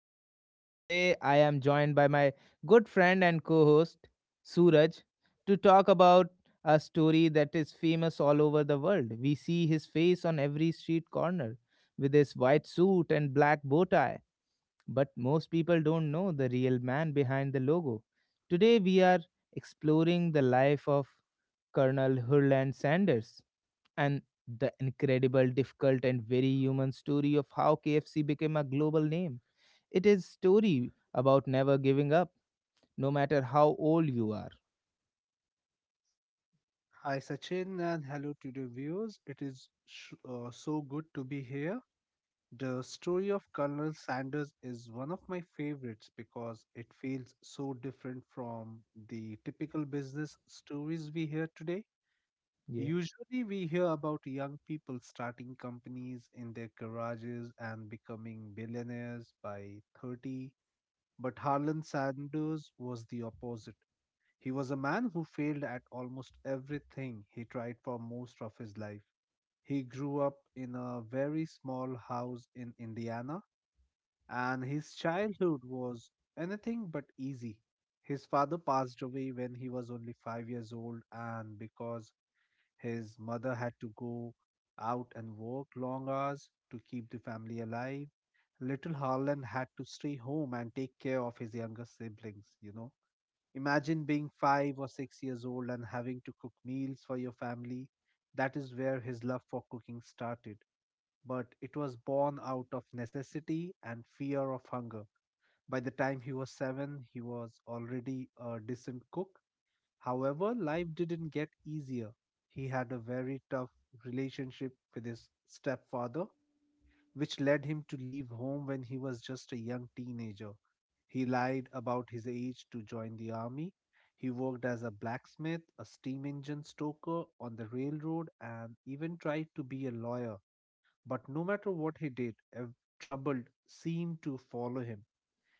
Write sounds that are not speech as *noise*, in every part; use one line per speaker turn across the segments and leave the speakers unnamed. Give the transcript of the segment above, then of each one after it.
everyone. Today, I am joined by my good friend and co host, Suraj, to talk about a story that is famous all over the world. We see his face on every street corner with his white suit and black bow tie, but most people don't know the real man behind the logo. Today, we are exploring the life of Colonel Hurland Sanders, and the incredible, difficult, and very human story of how KFC became a global name. It is story about never giving up, no matter how old you are.
Hi Sachin and hello to the viewers. It is so good to be here. The story of Colonel Sanders is one of my favorites because it feels so different from the typical business stories we hear today.
Yeah,
Usually, we hear about young people starting companies in their garages and becoming billionaires by 30, but Harlan Sanders was the opposite. He was a man who failed at almost everything he tried for most of his life. He grew up in a very small house in Indiana, and his childhood was anything but easy. His father passed away when he was only 5 years old, and because his mother had to go out and work long hours to keep the family alive, little Harlan had to stay home and take care of his younger siblings. Imagine being 5 or 6 years old and having to cook meals for your family. That is where his love for cooking started, but it was born out of necessity and fear of hunger. By the time he was seven, he was already a decent cook. However, life didn't get easier. He had a very tough relationship with his stepfather, which led him to leave home when he was just a young teenager. He lied about his age to join the army. He worked as a blacksmith, a steam engine stoker on the railroad, and even tried to be a lawyer. But no matter what he did, trouble seemed to follow him.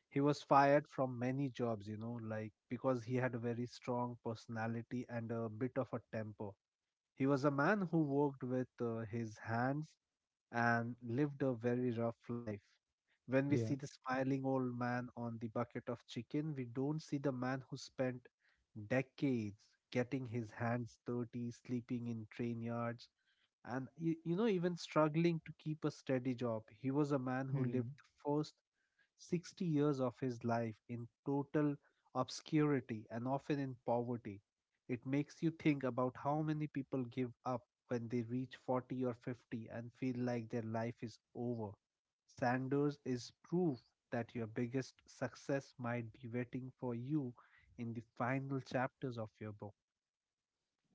He was fired from many jobs, like because he had a very strong personality and a bit of a temper. He was a man who worked with his hands and lived a very rough life. When we
yeah.
see the smiling old man on the bucket of chicken, we don't see the man who spent decades getting his hands dirty, sleeping in train yards, and even struggling to keep a steady job. He was a man who lived
Hmm.
the first 60 years of his life in total obscurity and often in poverty. It makes you think about how many people give up when they reach 40 or 50 and feel like their life is over. Sanders is proof that your biggest success might be waiting for you in the final chapters of your book.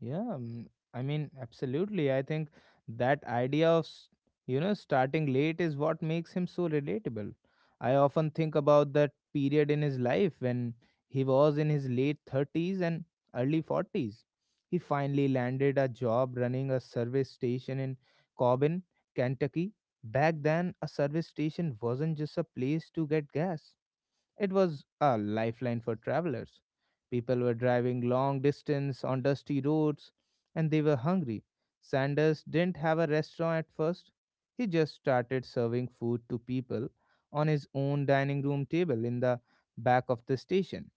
Yeah, I mean, absolutely. I think that idea of, starting late is what makes him so relatable. I often think about that period in his life when he was in his late 30s and early 40s. He finally landed a job running a service station in Corbin, Kentucky. Back then, a service station wasn't just a place to get gas. It was a lifeline for travelers. People were driving long distance on dusty roads and they were hungry. Sanders didn't have a restaurant at first. He just started serving food to people on his own dining room table in the back of the station.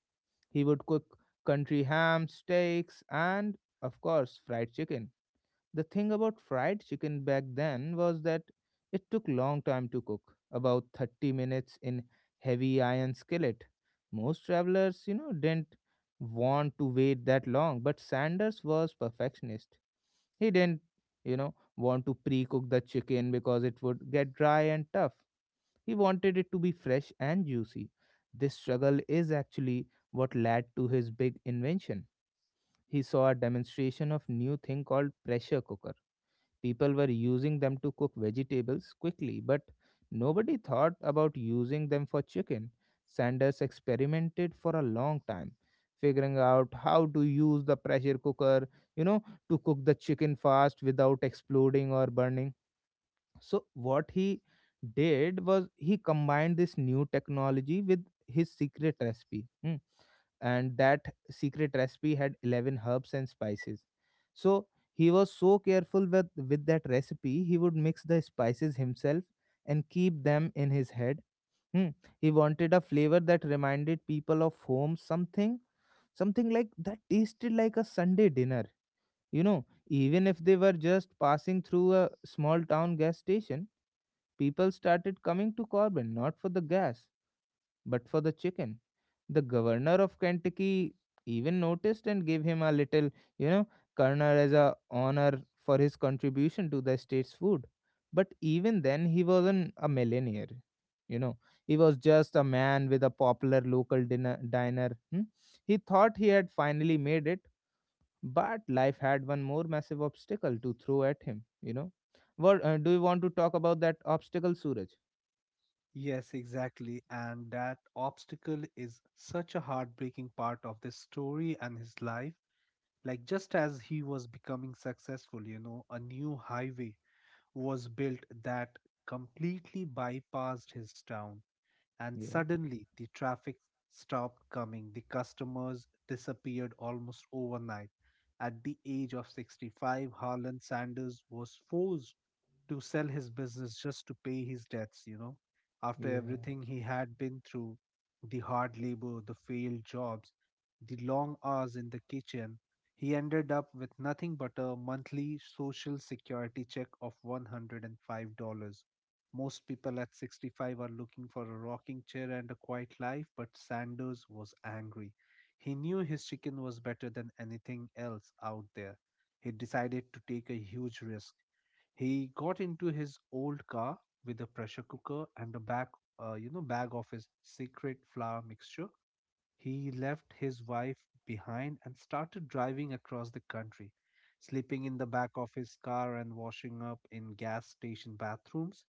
He would cook country ham, steaks, and, of course, fried chicken. The thing about fried chicken back then was that it took long time to cook, about 30 minutes in heavy iron skillet. Most travelers, didn't want to wait that long, but Sanders was perfectionist. He didn't, want to pre-cook the chicken because it would get dry and tough. He wanted it to be fresh and juicy. This struggle is actually what led to his big invention. He saw a demonstration of new thing called pressure cooker. People were using them to cook vegetables quickly, but nobody thought about using them for chicken. Sanders experimented for a long time, figuring out how to use the pressure cooker, you know, to cook the chicken fast without exploding or burning. So, what he did was he combined this new technology with his secret recipe. Hmm. And that secret recipe had 11 herbs and spices, so he was so careful with that recipe. He would mix the spices himself and keep them in his head. Hmm. He wanted a flavor that reminded people of home, something like that tasted like a Sunday dinner, you know, even if they were just passing through a small town gas station. People started coming to Corbin not for the gas but for the chicken. The governor of Kentucky even noticed and gave him a little, you know, kernel as a honor for his contribution to the state's food. But even then, he wasn't a millionaire. You know, he was just a man with a popular local dinner diner. Hmm. He thought he had finally made it, but life had one more massive obstacle to throw at him. You know, what do you want to talk about that obstacle, Suraj?
Yes, exactly. And that obstacle is such a heartbreaking part of this story and his life. Like, just as he was becoming successful, a new highway was built that completely bypassed his town, and
Yeah,
suddenly the traffic stopped coming. The customers disappeared almost overnight. At the age of 65, Harlan Sanders was forced to sell his business just to pay his debts. After
yeah,
everything he had been through, the hard labor, the failed jobs, the long hours in the kitchen, he ended up with nothing but a monthly social security check of $105. Most people at 65 are looking for a rocking chair and a quiet life, but Sanders was angry. He knew his chicken was better than anything else out there. He decided to take a huge risk. He got into his old car with a pressure cooker and a bag of his secret flour mixture. He left his wife behind and started driving across the country, sleeping in the back of his car and washing up in gas station bathrooms,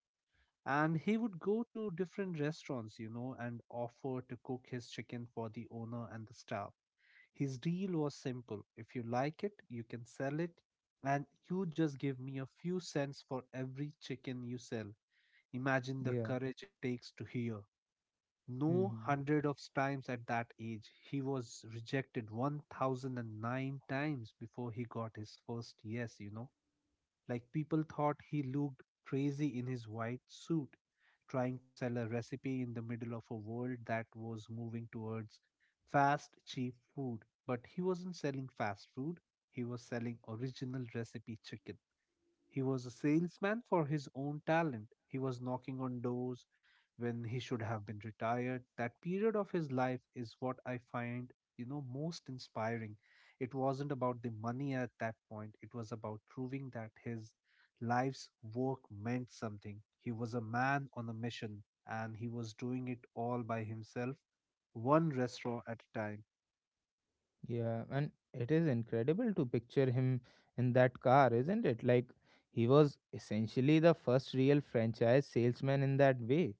and he would go to different restaurants and offer to cook his chicken for the owner and the staff. His deal was simple: if you like it, you can sell it, and you just give me a few cents for every chicken you sell. Imagine the
yeah.
courage it takes to hear no
Hmm.
hundred of times at that age. He was rejected 1009 times before he got his first yes. Like, people thought he looked crazy in his white suit, trying to sell a recipe in the middle of a world that was moving towards fast, cheap food. But he wasn't selling fast food, he was selling original recipe chicken. He was a salesman for his own talent. He was knocking on doors when he should have been retired. That period of his life is what I find, most inspiring. It wasn't about the money at that point, it was about proving that his life's work meant something. He was a man on a mission, and he was doing it all by himself, one restaurant at a time.
Yeah, and it is incredible to picture him in that car, isn't it? Like, he was essentially the first real franchise salesman in that way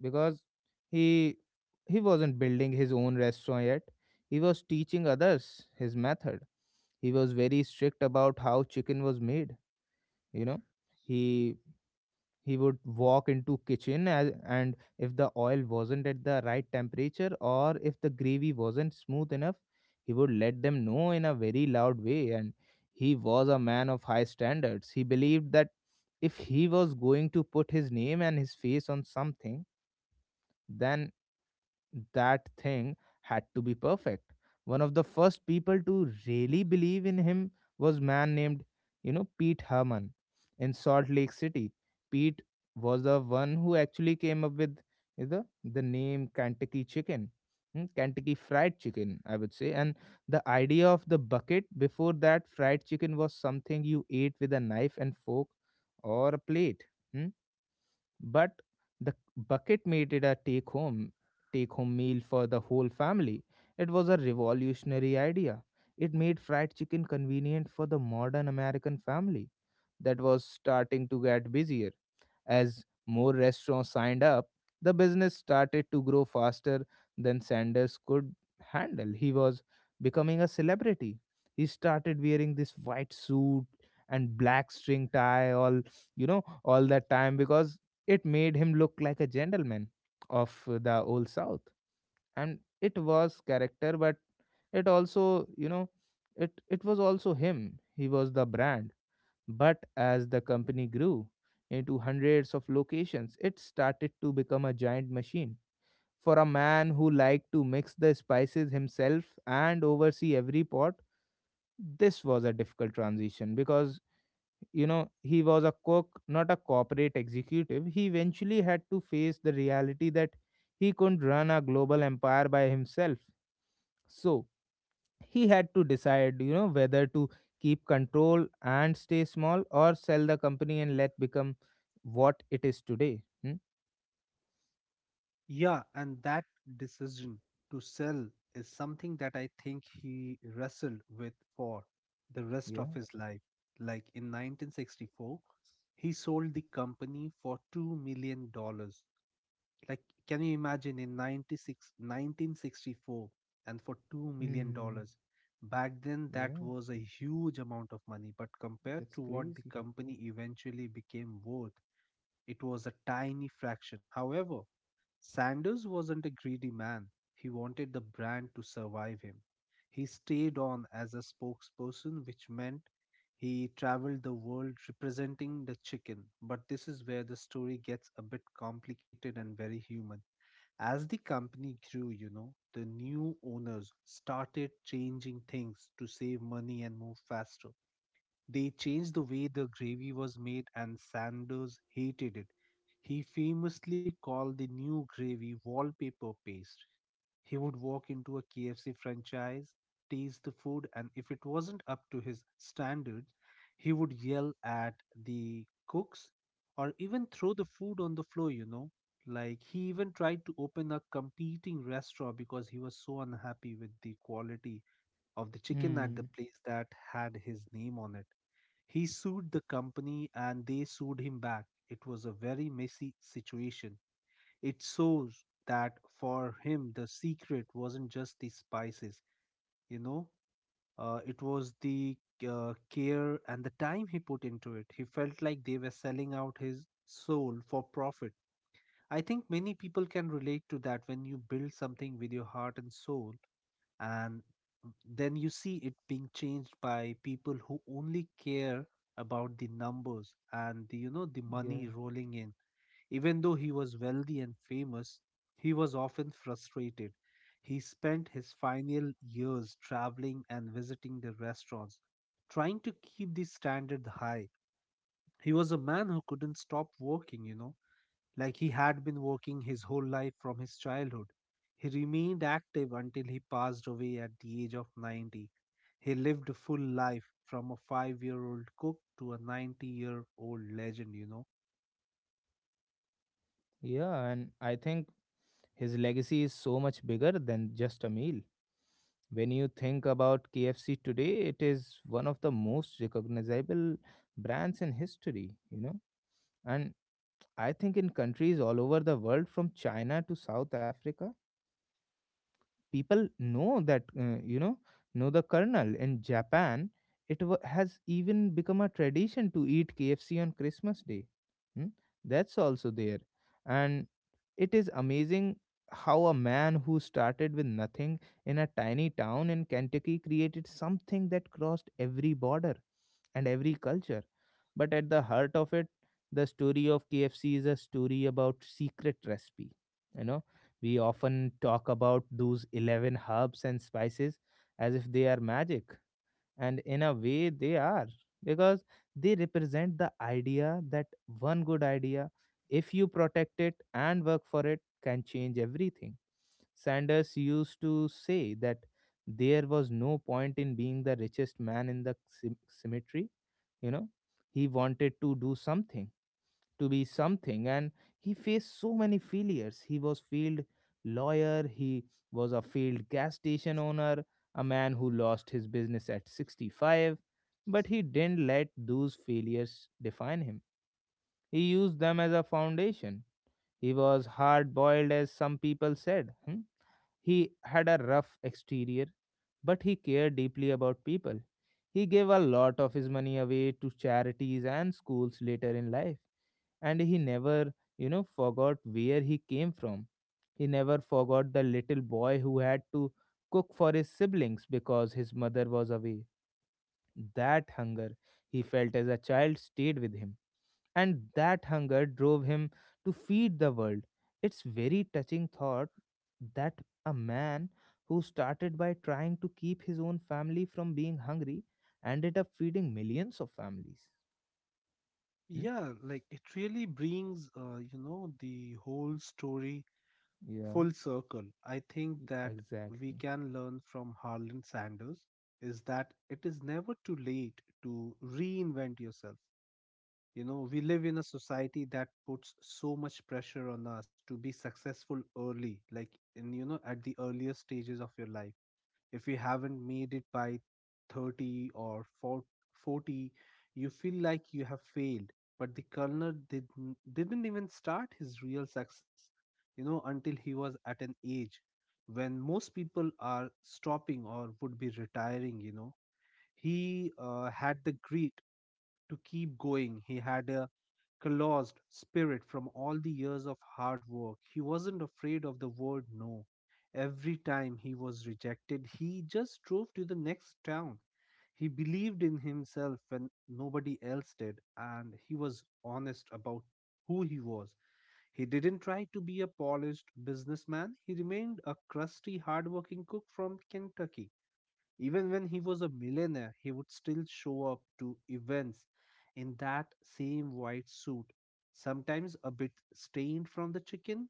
because he he wasn't building his own restaurant yet. He was teaching others his method. He was very strict about how chicken was made, you know. He he would walk into kitchen as, and if the oil wasn't at the right temperature or if the gravy wasn't smooth enough, he would let them know in a very loud way. And he was a man of high standards. He believed that if he was going to put his name and his face on something, then that thing had to be perfect. One of the first people to really believe in him was man named, Pete Herman in Salt Lake City. Pete was the one who actually came up with the name Kentucky Chicken, hmm, Kentucky Fried Chicken, I would say. And the idea of the bucket. Before that, fried chicken was something you ate with a knife and fork or a plate. Hmm. But the bucket made it a take home meal for the whole family. It was a revolutionary idea. It made fried chicken convenient for the modern American family that was starting to get busier. As more restaurants signed up, the business started to grow faster than Sanders could handle. He was becoming a celebrity. He started wearing this white suit and black string tie all all that time because it made him look like a gentleman of the old south. And it was character, but it also, it was also him. He was the brand. But as the company grew into hundreds of locations, it started to become a giant machine. For a man who liked to mix the spices himself and oversee every pot, this was a difficult transition because, you know, he was a cook, not a corporate executive. He eventually had to face the reality that he couldn't run a global empire by himself. So, he had to decide, you know, whether to keep control and stay small or sell the company and let become what it is today. Hmm?
Yeah, and that decision to sell is something that I think he wrestled with for the rest of
Yeah.
his life. Like, in 1964, he sold the company for $2 million dollars. Like, can you imagine, in 96, 1964, and for $2 million?
Hmm.
dollars? Back then, that
Yeah,
was a huge amount of money, but compared
that's
to what the
crazy.
company eventually became worth, it was a tiny fraction. However, Sanders wasn't a greedy man. He wanted the brand to survive him. He stayed on as a spokesperson, which meant he traveled the world representing the chicken, but this is where the story gets a bit complicated and very human. As the company grew, the new owners started changing things to save money and move faster. They changed the way the gravy was made, and Sanders hated it. He famously called the new gravy wallpaper paste. He would walk into a KFC franchise, taste the food, and if it wasn't up to his standards, he would yell at the cooks or even throw the food on the floor. Like, he even tried to open a competing restaurant because he was so unhappy with the quality of the chicken at the
Hmm.
place that had his name on it. He sued the company and they sued him back. It was a very messy situation. It shows that for him, the secret wasn't just the spices, you know, it was the care and the time he put into it. He felt like they were selling out his soul for profit. I think many people can relate to that, when you build something with your heart and soul, and then you see it being changed by people who only care about the numbers and the, you know the
Yeah.
money rolling in. Even though he was wealthy and famous, he was often frustrated. He spent his final years traveling and visiting the restaurants, trying to keep the standard high. He was a man who couldn't stop working, like he had been working his whole life from his childhood. He remained active until he passed away at the age of 90. He lived a full life, from a 5 year old cook to a 90-year-old legend.
Yeah, and I think his legacy is so much bigger than just a meal. When you think about KFC today, it is one of the most recognizable brands in history, you know. And I think in countries all over the world, from China to South Africa, people know that, know the kernel. In Japan, it wa has even become a tradition to eat KFC on Christmas day. Hmm? That's also there. And it is amazing how a man who started with nothing in a tiny town in Kentucky created something that crossed every border and every culture. But at the heart of it, the story of KFC is a story about secret recipe, you know. We often talk about those 11 herbs and spices as if they are magic, and in a way, they are, because they represent the idea that one good idea, if you protect it and work for it, can change everything. Sanders used to say that there was no point in being the richest man in the cemetery, you know. He wanted to do something, to be something. And he faced so many failures. He was failed lawyer, he was a failed gas station owner, a man who lost his business at 65, but he didn't let those failures define him. He used them as a foundation. He was hard boiled, as some people said. Hmm? He had a rough exterior, but he cared deeply about people. He gave a lot of his money away to charities and schools later in life, and he never, forgot where he came from. He never forgot the little boy who had to cook for his siblings because his mother was away. That hunger he felt as a child stayed with him, and that hunger drove him to feed the world. It's very touching thought that a man who started by trying to keep his own family from being hungry ended up feeding millions of families. Hmm?
Yeah, like, it really brings, the whole story
Yeah,
full circle. I think that we
exactly.
can learn from Harlan Sanders is that it is never too late to reinvent yourself. You know, we live in a society that puts so much pressure on us to be successful early, like, in, at the earlier stages of your life. If you haven't made it by 30 or 4 40, you feel like you have failed. But the colonel didn't even start his real success, until he was at an age when most people are stopping or would be retiring. He had to keep going. He had a callous spirit from all the years of hard work. He wasn't afraid of the word no. Every time he was rejected, he just drove to the next town. He believed in himself when nobody else did, and he was honest about who he was. He didn't try to be a polished businessman. He remained a crusty, hardworking cook from Kentucky. Even when he was a millionaire, he would still show up to events in that same white suit, sometimes a bit stained from the chicken.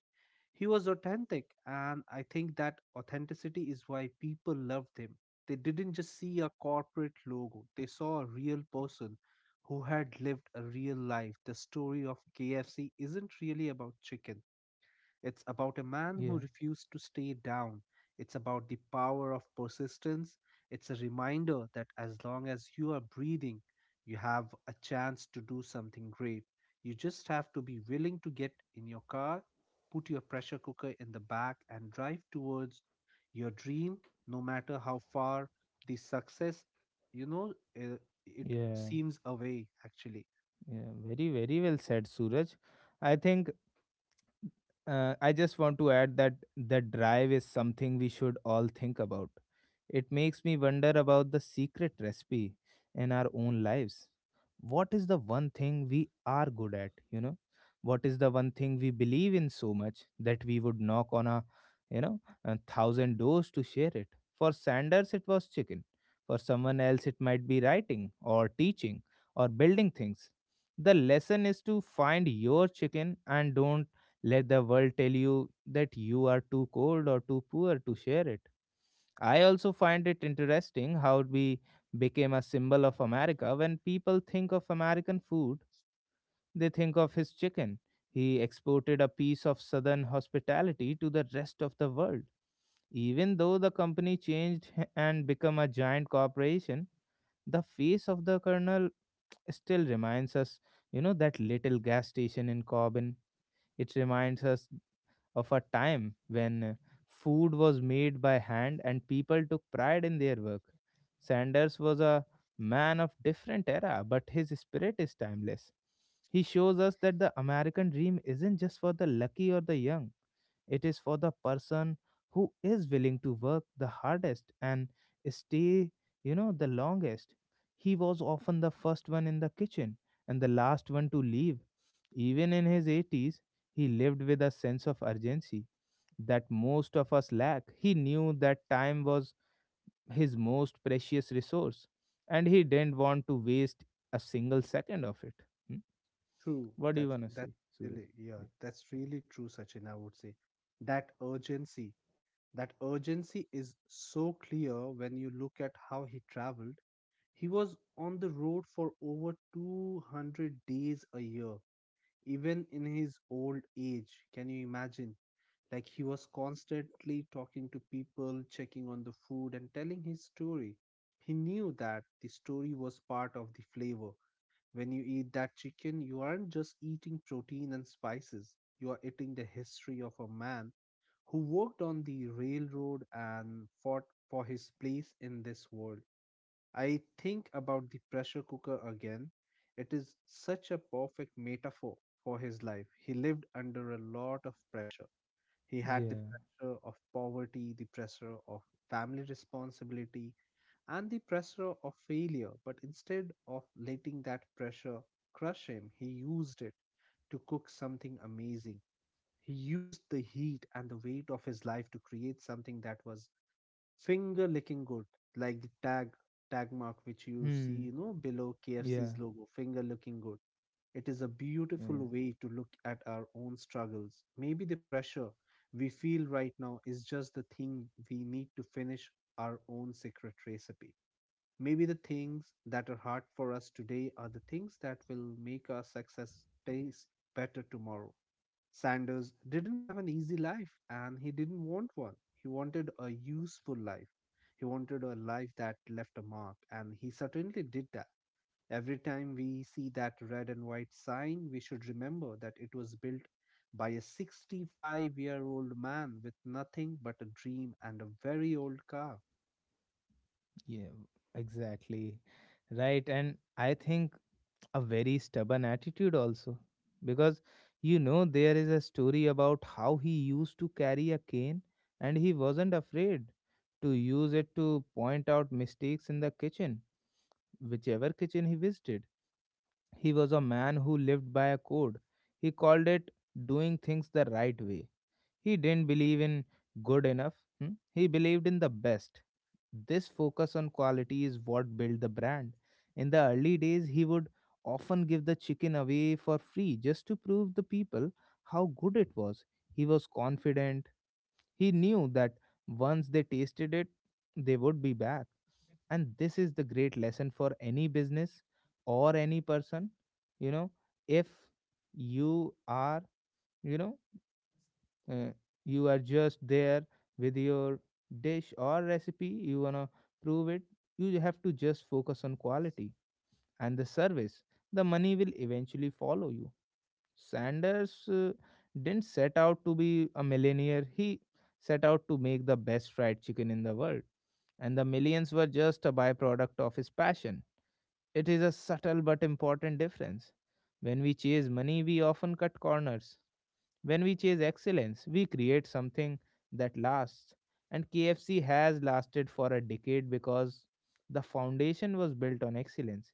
He was authentic, and I think that authenticity is why people loved him. They didn't just see a corporate logo, they saw a real person who had lived a real life. The story of KFC isn't really about chicken, it's about a man who
Yeah,
refused to stay down. It's about the power of persistence. It's a reminder that as long as you are breathing, you have a chance to do something great. You just have to be willing to get in your car, put your pressure cooker in the back, and drive towards your dream, no matter how far the success, you know, uh, it
yeah,
seems away, actually.
yeah. Very, very well said, Suraj. I think I just want to add that the drive is something we should all think about. It makes me wonder about the secret recipe in our own lives. What is the one thing we are good at, you know? What is the one thing we believe in so much that we would knock on a, you know, a thousand doors to share it? For Sanders, it was chicken. For someone else, it might be writing or teaching or building things. The lesson is to find your chicken and don't let the world tell you that you are too cold or too poor to share it. I also find it interesting how we became a symbol of America. When people think of American food, they think of his chicken. He exported a piece of southern hospitality to the rest of the world. Even though the company changed and become a giant corporation, the face of the colonel still reminds us, you know, that little gas station in Corbin. It reminds us of a time when food was made by hand and people took pride in their work. Sanders was a man of different era, but his spirit is timeless. He shows us that the American dream isn't just for the lucky or the young, it is for the person who is willing to work the hardest and stay, the longest. He was often the first one in the kitchen and the last one to leave. Even in his 80s, he lived with a sense of urgency that most of us lack. He knew that time was his most precious resource and he didn't want to waste a single second of it. Hmm?
True.
What do you
That's
want to say,
that's
Suraj?
really yeah,
Yeah.
that's really true, Sachin, I would say. That urgency, that urgency is so clear when you look at how he traveled. He was on the road for over 200 days a year, even in his old age. Can you imagine? Like he was constantly talking to people, checking on the food and telling his story. He knew that the story was part of the flavor. When you eat that chicken, you aren't just eating protein and spices. You are eating the history of a man who worked on the railroad and fought for his place in this world. I think about the pressure cooker again. It is such a perfect metaphor for his life. He lived under a lot of pressure. He had the
Yeah.
pressure of poverty, the pressure of family responsibility, and the pressure of failure. But instead of letting that pressure crush him, he used it to cook something amazing. He used the heat and the weight of his life to create something that was finger licking good, like the tag mark which you see,
Hmm.
you know, below
Yeah.
KFC's logo, finger looking good. It is a
Yeah.
beautiful way to look at our own struggles. Maybe the pressure we feel right now is just the thing we need to finish our own secret recipe. Maybe the things that are hard for us today are the things that will make our success taste better tomorrow. Sanders didn't have an easy life and he didn't want one. He wanted a useful life. He wanted a life that left a mark, and he certainly did that. Every time we see that red and white sign, we should remember that it was built by a 65-year-old man with nothing but a dream and a very old car.
Yeah, exactly. Right. And I think a very stubborn attitude also. Because there is a story about how he used to carry a cane and he wasn't afraid to use it to point out mistakes in the kitchen, whichever kitchen he visited. He was a man who lived by a code. He called it doing things the right way. He didn't believe in good enough, he believed in the best. This focus on quality is what built the brand. In the early days, he would often give the chicken away for free just to prove the people how good it was. He was confident. He knew that once they tasted it, they would be back. And this is the great lesson for any business or any person. You know, if you are, you know, uh, you are just there with your dish or recipe. You want to prove it, you have to just focus on quality and the service. The money will eventually follow you. Sanders didn't set out to be a millionaire. He set out to make the best fried chicken in the world, and the millions were just a byproduct of his passion. It is a subtle but important difference. When we chase money, we often cut corners. When we chase excellence, we create something that lasts. And KFC has lasted for a decade because the foundation was built on excellence.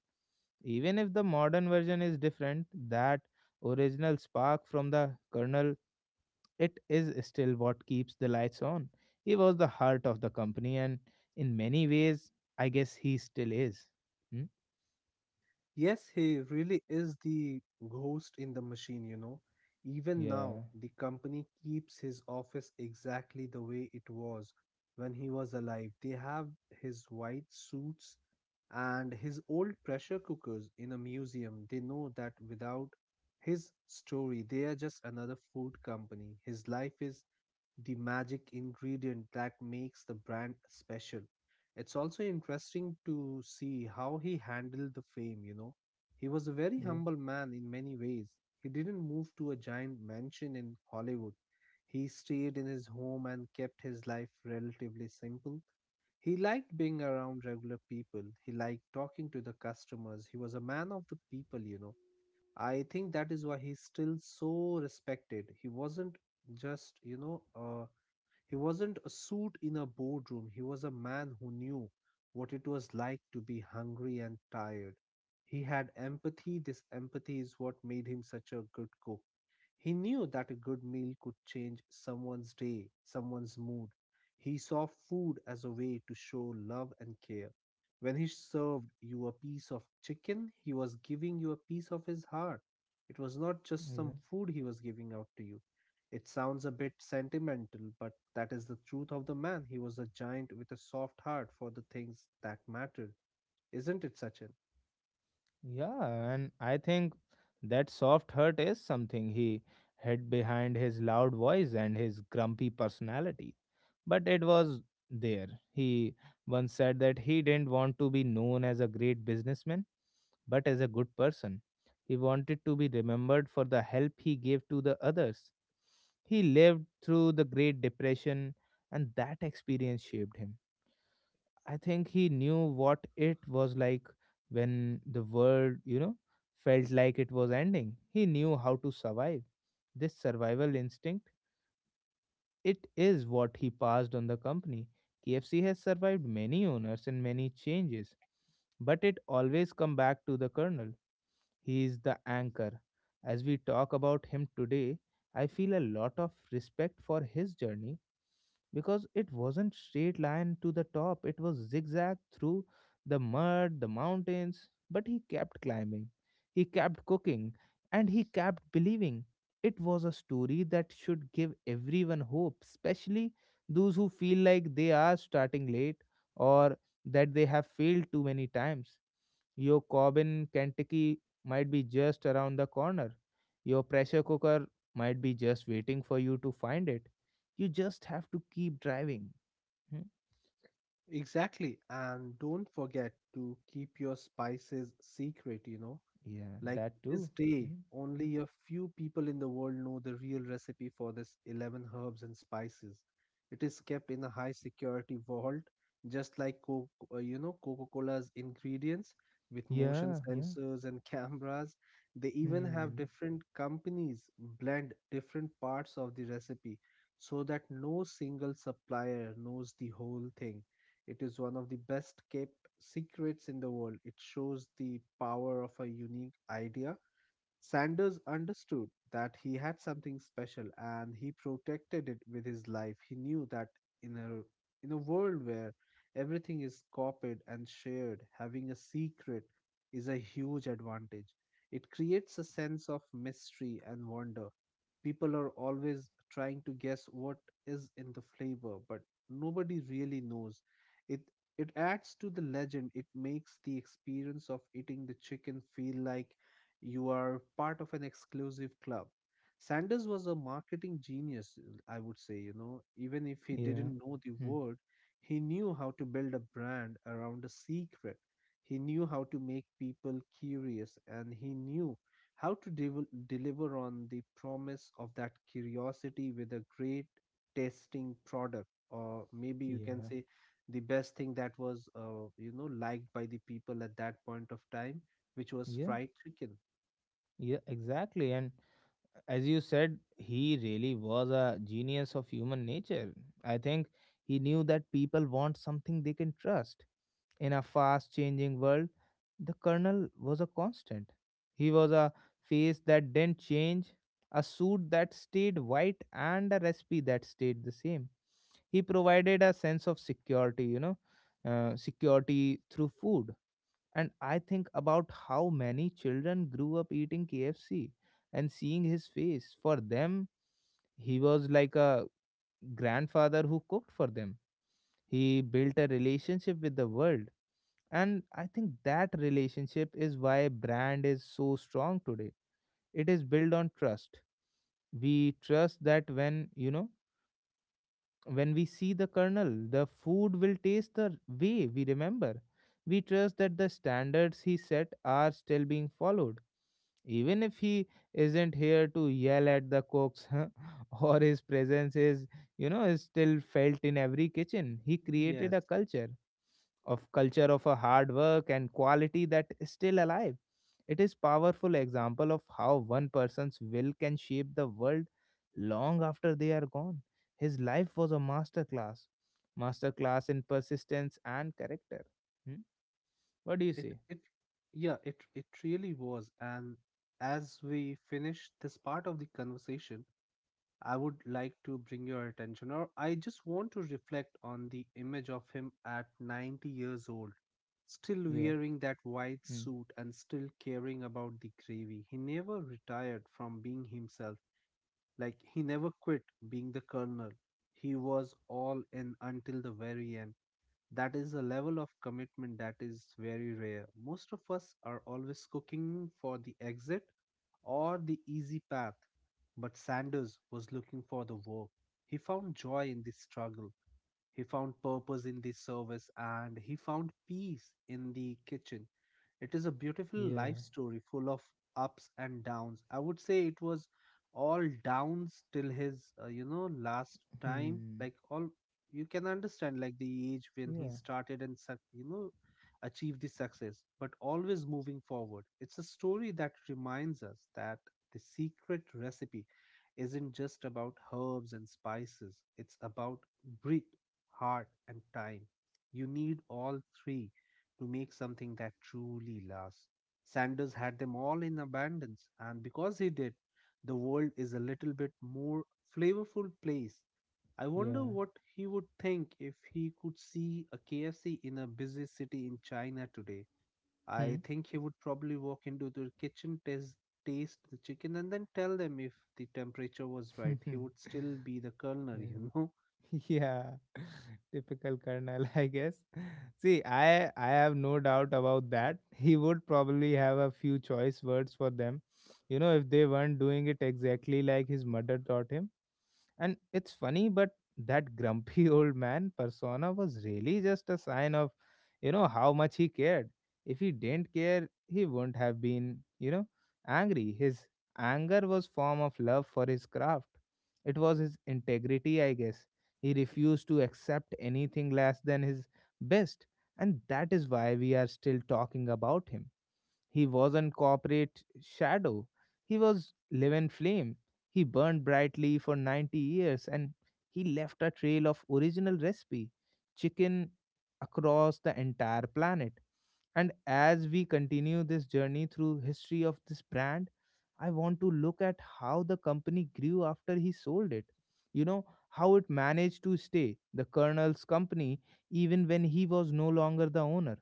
Even if the modern version is different, that original spark from the kernel, it is still what keeps the lights on. He was the heart of the company, and in many ways, I guess he still is. Hmm?
Yes, he really is the ghost in the machine. Even
Yeah,
now, the company keeps his office exactly the way it was when he was alive. They have his white suits and his old pressure cookers in a museum. They know that without his story, they are just another food company. His life is the magic ingredient that makes the brand special. It's also interesting to see how he handled the fame. He was a very
yeah,
humble man in many ways. He didn't move to a giant mansion in Hollywood. He stayed in his home and kept his life relatively simple. He liked being around regular people. He liked talking to the customers. He was a man of the people. I think that is why he's still so respected. Just, you know, a he wasn't a suit in a boardroom, he was a man who knew what it was like to be hungry and tired. He had empathy. This empathy is what made him such a good cook. He knew that a good meal could change someone's day, someone's mood. He saw food as a way to show love and care. When he served you a piece of chicken, he was giving you a piece of his heart. It was not just
yeah.
some food he was giving out to you. It sounds a bit sentimental, but that is the truth of the man. He was a giant with a soft heart for the things that mattered. Isn't it, Sachin?
Yeah, and I think that soft hurt is something he hid behind his loud voice and his grumpy personality. But it was there. He once said that he didn't want to be known as a great businessman, but as a good person. He wanted to be remembered for the help he gave to the others. He lived through the Great Depression, and that experience shaped him. I think he knew what it was like when the world felt like it was ending. He knew how to survive. This survival instinct, it is what he passed on the company. KFC has survived many owners and many changes, but it always come back to the colonel. He is the anchor. As we talk about him today, I feel a lot of respect for his journey because it wasn't straight line to the top. It was zigzag through the mud, the mountains, but he kept climbing, he kept cooking, and he kept believing. It was a story that should give everyone hope, especially those who feel like they are starting late, or that they have failed too many times. Your Corbin, Kentucky might be just around the corner. Your pressure cooker might be just waiting for you to find it. You just have to keep driving. Hmm?
Exactly. And don't forget to keep your spices secret.
Yeah,
Like
that
to
too.
this day,
Hmm.
only a few people in the world know the real recipe for this 11 herbs and spices. It is kept in a high security vault, just like Coca-Cola's ingredients with motion
Yeah, yeah.
sensors and *laughs* cameras. They even have
Hmm.
different companies blend different parts of the recipe so that no single supplier knows the whole thing. It is one of the best kept secrets in the world. It shows the power of a unique idea. Sanders understood that he had something special and he protected it with his life. He knew that in a world where everything is copied and shared, having a secret is a huge advantage. It creates a sense of mystery and wonder. People are always trying to guess what is in the flavor, but nobody really knows. It it adds to the legend. It makes the experience of eating the chicken feel like you are part of an exclusive club. Sanders was a marketing genius, I would say, you know, even if he
Yeah.
didn't know the
Hmm.
word, he knew how to build a brand around a secret. He knew how to make people curious and he knew how to deliver on the promise of that curiosity with a great tasting product, or maybe you can
Yeah.
say the best thing that was liked by the people at that point of time, which was
Yeah.
fried chicken.
Yeah. Exactly. And as you said, he really was a genius of human nature. I think he knew that people want something they can trust. In a fast changing world, the colonel was a constant. He was a face that didn't change, a suit that stayed white, and a recipe that stayed the same. He provided a sense of security, security through food. And I think about how many children grew up eating KFC and seeing his face. For them, he was like a grandfather who cooked for them. He built a relationship with the world. And I think that relationship is why brand is so strong today. It is built on trust. We trust that when you know when we see the kernel, the food will taste the way we remember. We trust that the standards he set are still being followed, even if he isn't here to yell at the cooks, huh, *laughs* or his presence is, is still felt in every kitchen. He created a
Yes,
culture of a hard work and quality that is still alive. It is powerful example of how one person's will can shape the world long after they are gone. His life was a master class in persistence and character. Hmm? What do you
it
say?
it yeah, it really was. And as we finish this part of the conversation, I would like to bring your attention, or I just want to reflect on the image of him at 90 years old, still
Yeah.
wearing that white
Hmm.
suit and still caring about the gravy. He never retired from being himself. Like he never quit being the colonel. He was all in until the very end. That is a level of commitment that is very rare. Most of us are always cooking for the exit or the easy path, but Sanders was looking for the work. He found joy in the struggle. He found purpose in the service and he found peace in the kitchen. It is a beautiful
Yeah.
life story full of ups and downs. I would say it was all downs till his, last time.
Hmm.
Like, all you can understand, like the age when he
Yeah.
started and, achieved the success, but always moving forward. It's a story that reminds us that the secret recipe isn't just about herbs and spices, it's about bre- heart, and time. You need all three to make something that truly lasts. Sanders had them all in abundance, and because he did, the world is a little bit more flavorful place. I wonder
Yeah.
what he would think if he could see a KFC in a busy city in China today. I
Hmm.
think he would probably walk into the kitchen, test, taste the chicken, and then tell them if the temperature was right.
*laughs* yeah.
He would still be the culinary, you
*laughs*
know.
Yeah. *laughs* Typical Colonel, I guess. See, I have no doubt about that. *laughs* He would probably have a few choice words for them, if they weren't doing it exactly like his mother taught him. And it's funny, but that grumpy *laughs* old man persona was really just a sign of, how much he cared. If he didn't care, he wouldn't have been, angry. His anger was form of love for his craft. It was his integrity, I guess. He refused to accept anything less than his best. And that is why we are still talking about him. He wasn't corporate shadow. He was living flame. He burned brightly for 90 years, and he left a trail of original recipe chicken across the entire planet. And as we continue this journey through history of this brand, I want to look at how the company grew after he sold it. You know, how it managed to stay the colonel's company even when he was no longer the owner.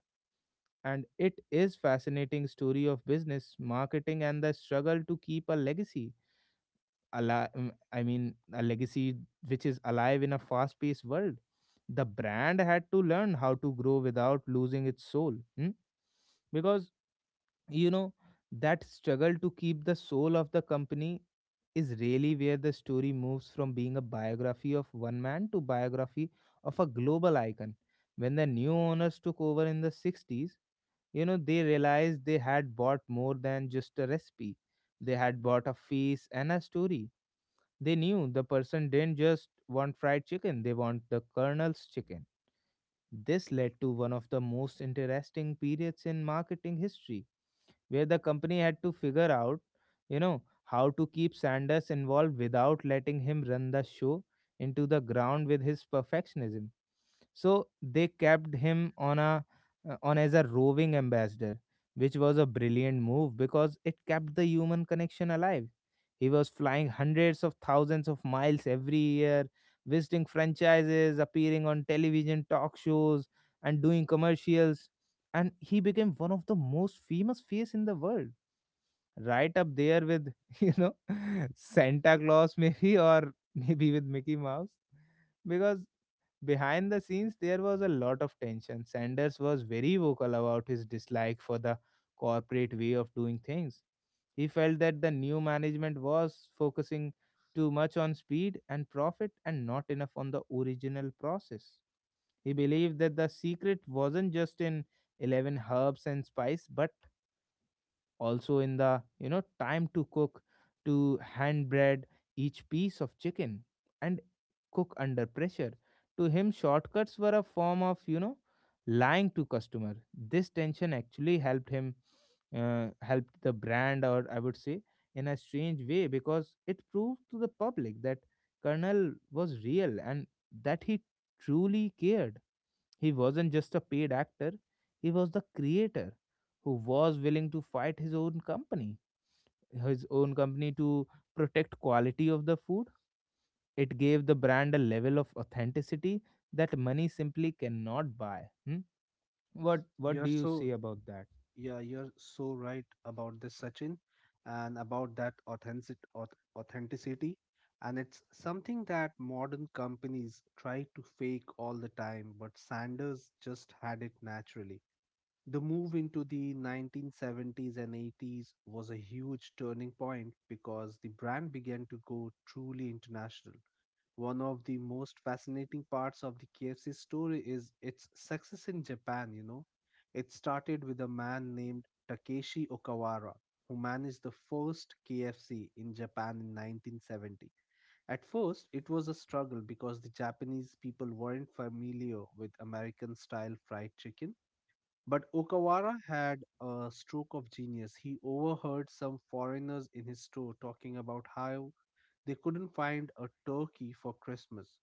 And it is fascinating story of business marketing and the struggle to keep a legacy alive. I mean a legacy which is alive in a fast paced world. The brand had to learn how to grow without losing its soul. Hmm? Because, you know, that struggle to keep the soul of the company is really where the story moves from being a biography of one man to biography of a global icon. When the new owners took over in the 60s, you know, they realized they had bought more than just a recipe. They had bought a face and a story. They knew the person didn't just want fried chicken, they want the colonel's chicken. This led to one of the most interesting periods in marketing history, where the company had to figure out, how to keep Sanders involved without letting him run the show into the ground with his perfectionism. So they kept him on as a roving ambassador, which was a brilliant move because it kept the human connection alive. He was flying hundreds of thousands of miles every year, visiting franchises, appearing on television talk shows, and doing commercials. And he became one of the most famous face in the world, right up there with *laughs* you know Santa Claus maybe, *laughs* or maybe with Mickey Mouse. Because behind the scenes there was a lot of tension. Sanders was very vocal about his dislike for the corporate way of doing things. He felt that the new management was focusing too much on speed and profit and not enough on the original process. He believed that the secret wasn't just in 11 herbs and spice, but also in the, time to cook, to hand bread each piece of chicken and cook under pressure. To him, shortcuts were a form of, lying to customer. This tension actually helped the brand, or I would say, in a strange way, because it proved to the public that Colonel was real and that he truly cared. He wasn't just a paid actor, he was the creator who was willing to fight his own company to protect quality of the food. It gave the brand a level of authenticity that money simply cannot buy. Hmm? What
*laughs*
what
You're
do you say
so
about that?
Yeah, you're so right about this, Sachin, and about that authenticity. And it's something that modern companies try to fake all the time, but Sanders just had it naturally. The move into the 1970s and 80s was a huge turning point because the brand began to go truly international. One of the most fascinating parts of the KFC story is its success in Japan, you know. It started with a man named Takeshi Okawara, who managed the first KFC in Japan in 1970. At first, it was a struggle because the Japanese people weren't familiar with American style fried chicken. But Okawara had a stroke of genius. He overheard some foreigners in his store talking about how they couldn't find a turkey for Christmas,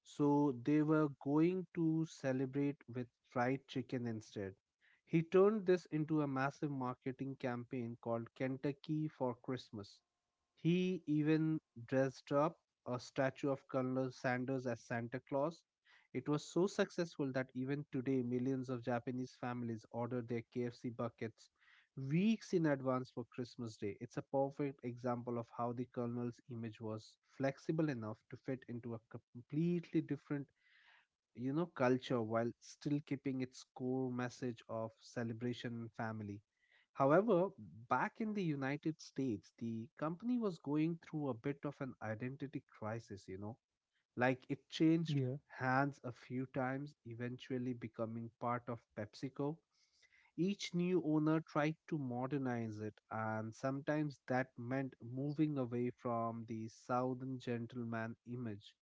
so they were going to celebrate with fried chicken instead. He turned this into a massive marketing campaign called Kentucky for Christmas. He even dressed up a statue of Colonel Sanders as Santa Claus. It was so successful that even today, millions of Japanese families order their KFC buckets weeks in advance for Christmas Day. It's a perfect example of how the Colonel's image was flexible enough to fit into a completely different, you know, culture while still keeping its core message of celebration and family. However, back in the United States, the company was going through a bit of an identity crisis, you know, like it changed
Yeah,
hands a few times, eventually becoming part of PepsiCo. Each new owner tried to modernize it, and sometimes that meant moving away from the Southern gentleman image.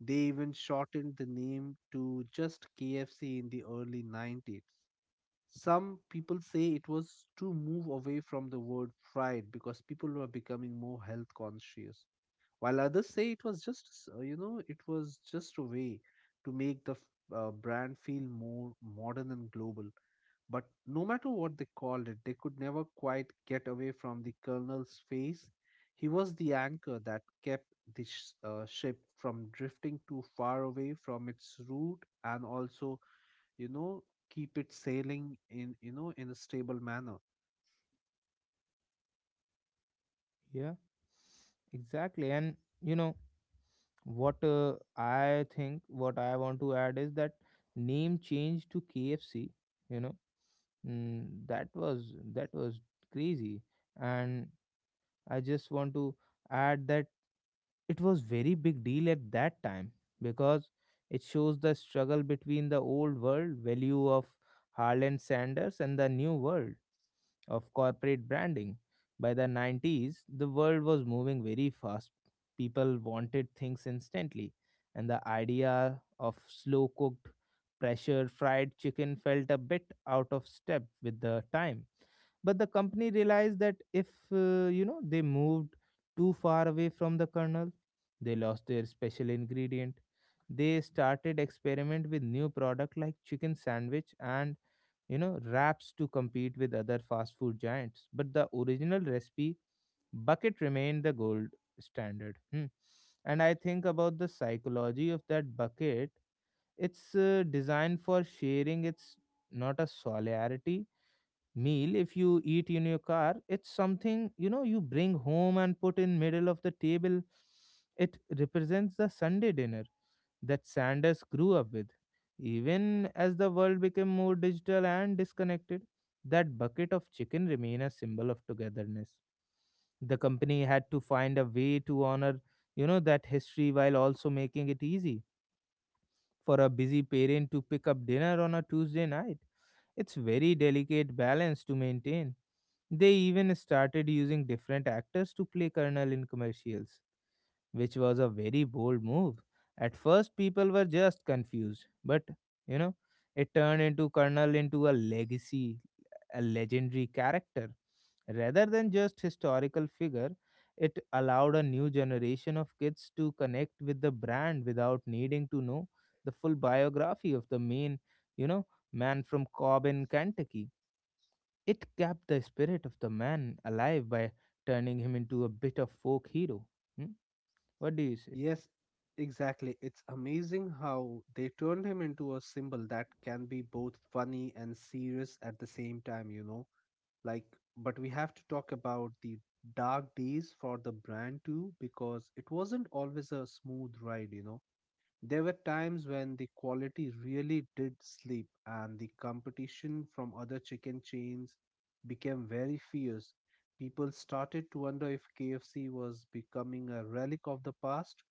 They even shortened the name to just KFC in the early 90s. Some people say it was to move away from the word fried because people were becoming more health conscious, while others say it was just it was just a way to make the brand feel more modern and global. But no matter what they called it, they could never quite get away from the colonel's face. He was the anchor that kept the ship from drifting too far away from its route, and also, you know, keep it sailing in, you know, in a stable manner.
yeah, exactly. And you know, what I think what I want to add is that name change to KFC, you know that was crazy. And I just want to add that it was very big deal at that time, because it shows the struggle between the old world value of Harlan Sanders and the new world of corporate branding. By the 90s, the world was moving very fast. People wanted things instantly, and the idea of slow cooked, pressure fried chicken felt a bit out of step with the time. But the company realized that if they moved too far away from the kernel, they lost their special ingredient. They started experiment with new product like chicken sandwich and, you know, wraps to compete with other fast food giants. But the original recipe bucket remained the gold standard. Hmm. And I think about the psychology of that bucket. It's designed for sharing. It's not a solidarity meal if you eat in your car. It's something, you know, you bring home and put in middle of the table. It represents the Sunday dinner that Sanders grew up with. Even as the world became more digital and disconnected, that bucket of chicken remained a symbol of togetherness. The company had to find a way to honor, you know, that history while also making it easy for a busy parent to pick up dinner on a Tuesday night. It's very delicate balance to maintain. They even started using different actors to play Colonel in commercials, which was a very bold move. At first, people were just confused, but you know, it turned into Colonel into a legacy, a legendary character. Rather than just historical figure, it allowed a new generation of kids to connect with the brand without needing to know the full biography of the main, you know, man from Cobb in Kentucky. It kept the spirit of the man alive by turning him into a bit of folk hero. Hmm? What do you say?
Yes, exactly. It's amazing how they turned him into a symbol that can be both funny and serious at the same time, you know. Like, but we have to talk about the dark days for the brand too, because it wasn't always a smooth ride, you know. There were times when the quality really did sleep, and the competition from other chicken chains became very fierce. People started to wonder if KFC was becoming a relic of the past.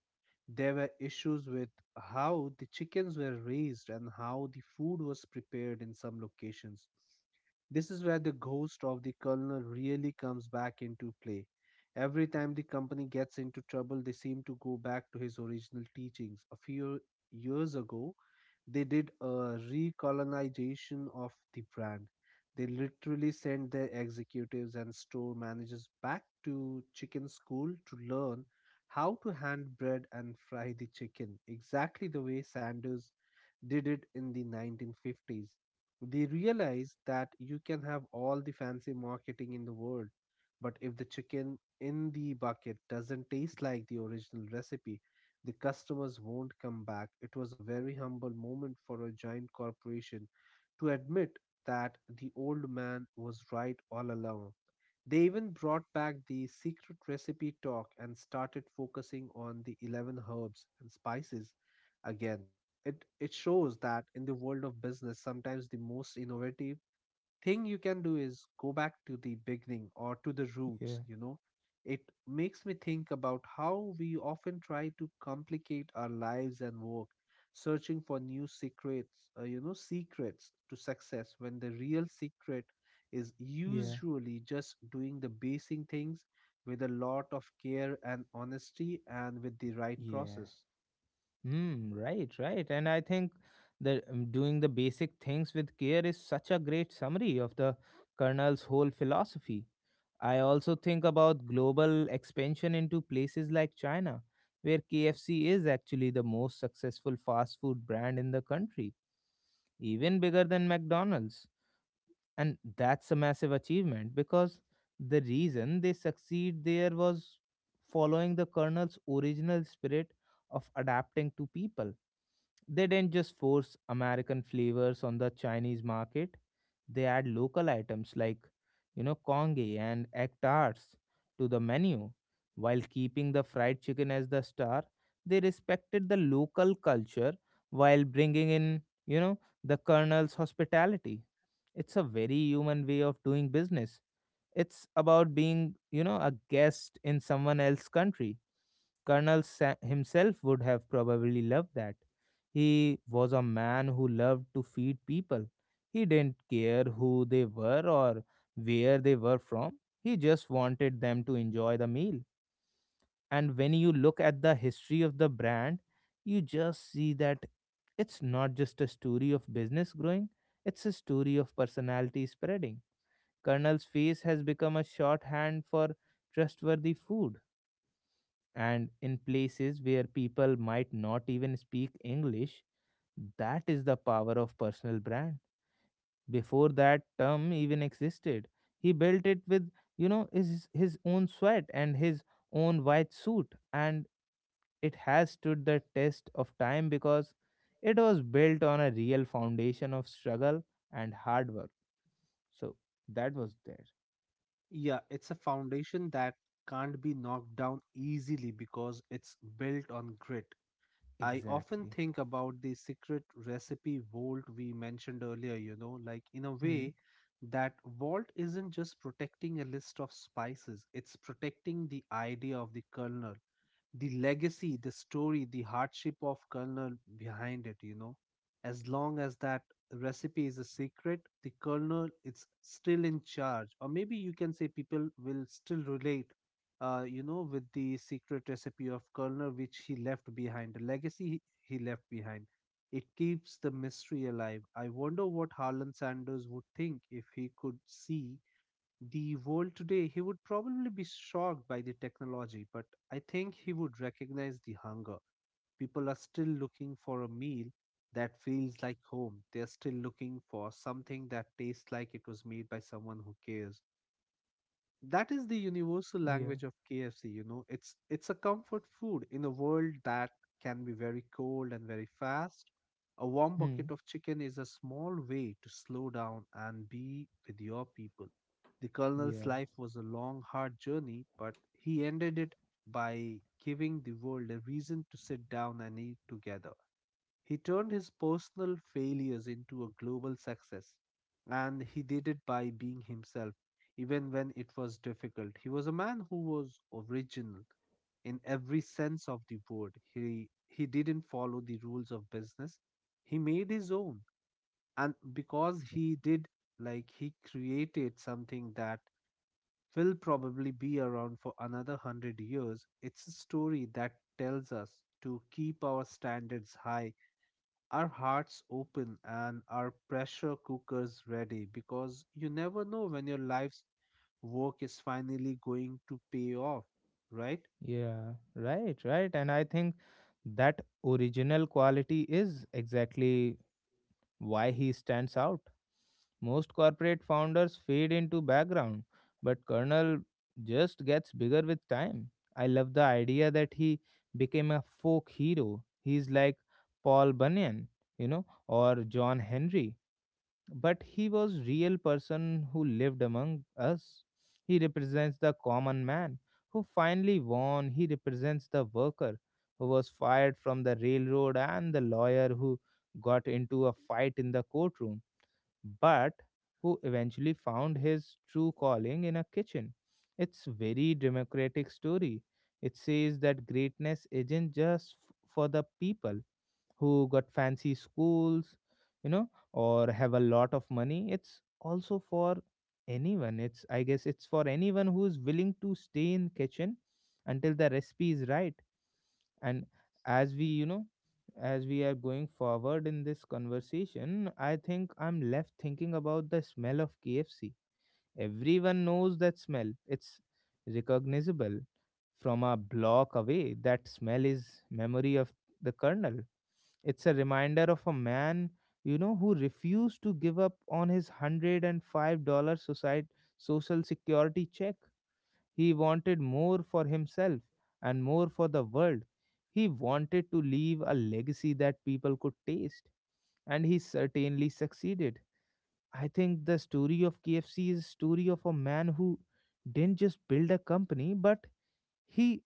There were issues with how the chickens were raised and how the food was prepared in some locations. This is where the ghost of the colonel really comes back into play. Every time the company gets into trouble, they seem to go back to his original teachings a few years ago they did a recolonization of the brand. They literally sent their executives and store managers back to chicken school to learn how to hand bread and fry the chicken, exactly the way Sanders did it in the 1950s. They realized that you can have all the fancy marketing in the world, but if the chicken in the bucket doesn't taste like the original recipe, the customers won't come back. It was a very humble moment for a giant corporation to admit that the old man was right all along. They even brought back the secret recipe talk and started focusing on the 11 herbs and spices again. It shows that in the world of business, sometimes the most innovative thing you can do is go back to the beginning or to the roots
Yeah,
you know It makes me think about how we often try to complicate our lives and work searching for new secrets secrets to success when the real secret is
yeah,
usually just doing the basic things with a lot of care and honesty and with the right
yeah.
process.
Mm, right, right. And I think that doing the basic things with care is such a great summary of the Colonel's whole philosophy. I also think about global expansion into places like China, where KFC is actually the most successful fast food brand in the country, even bigger than McDonald's, and that's a massive achievement because the reason they succeed there was following the Colonel's original spirit of adapting to people. They didn't just force American flavors on the Chinese market. They add local items like, you know, congee and egg tarts to the menu, while keeping the fried chicken as the star. They respected the local culture while bringing in, you know, the Colonel's hospitality. It's a very human way of doing business. It's about being, you know, a guest in someone else's country. Colonel Sa- himself would have probably loved that. He was a man who loved to feed people. He didn't care who they were or where they were from. He just wanted them to enjoy the meal. And when you look at the history of the brand, you just see that it's not just a story of business growing, it's a story of personality spreading. Colonel's face has become a shorthand for trustworthy food. And in places where people might not even speak English, that is the power of personal brand. Before that term even existed, he built it with, you know, his own sweat and his own white suit. And it has stood the test of time because it was built on a real foundation of struggle and hard work. So that was there.
Yeah it's a foundation that can't be knocked down easily because it's built on grit. I often
Exactly.
think about the secret recipe vault we mentioned earlier, you know, like in a
Hmm.
way that vault isn't just protecting a list of spices, it's protecting the idea of the kernel, the legacy, the story, the hardship of kernel behind it, you know. As long as that recipe is a secret, the kernel is still in charge. Or maybe you can say people will still relate, with the secret recipe of kernel which he left behind, the legacy he left behind. It keeps the mystery alive. I wonder what Harlan Sanders would think if he could see the world today. He would probably be shocked by the technology, but I think he would recognize the hunger. People are still looking for a meal that feels like home. They are still looking for something that tastes like it was made by someone who cares. That is the universal
Yeah.
language of KFC, it's a comfort food in a world that can be very cold and very fast. A warm
Hmm.
bucket of chicken is a small way to slow down and be with your people. The colonel's
Yeah.
life was a long hard journey, but he ended it by giving the world a reason to sit down and eat together. He turned his personal failures into a global success, and he did it by being himself, even when it was difficult. He was a man who was original in every sense of the word. He didn't follow the rules of business. He made his own, and because he did, like he created something that will probably be around for another hundred years. It's a story that tells us to keep our standards high, our hearts open, and our pressure cookers ready, because you never know when your life's work is finally going to pay off, right?
Yeah. Right. Right. And I think that original quality is exactly why he stands out. Most corporate founders fade into background, but Colonel just gets bigger with time. I love the idea that he became a folk hero. He's like Paul Bunyan, you know, or John Henry. But he was real person who lived among us. He represents the common man who finally won. He represents the worker who was fired from the railroad and the lawyer who got into a fight in the courtroom, but who eventually found his true calling in a kitchen. It's very democratic story. It says that greatness isn't just for the people who got fancy schools, you know, or have a lot of money. It's also for anyone. It's I guess it's for anyone who's willing to stay in kitchen until the recipe is right. And as we, you know, as we are going forward in this conversation, I think I'm left thinking about the smell of KFC. Everyone knows that smell. It's recognizable from a block away. That smell is memory of the kernel. It's a reminder of a man, you know, who refused to give up on his $105 society, social security check. He wanted more for himself and more for the world. He wanted to leave a legacy that people could taste, and he certainly succeeded. I think the story of KFC is a story of a man who didn't just build a company, but he,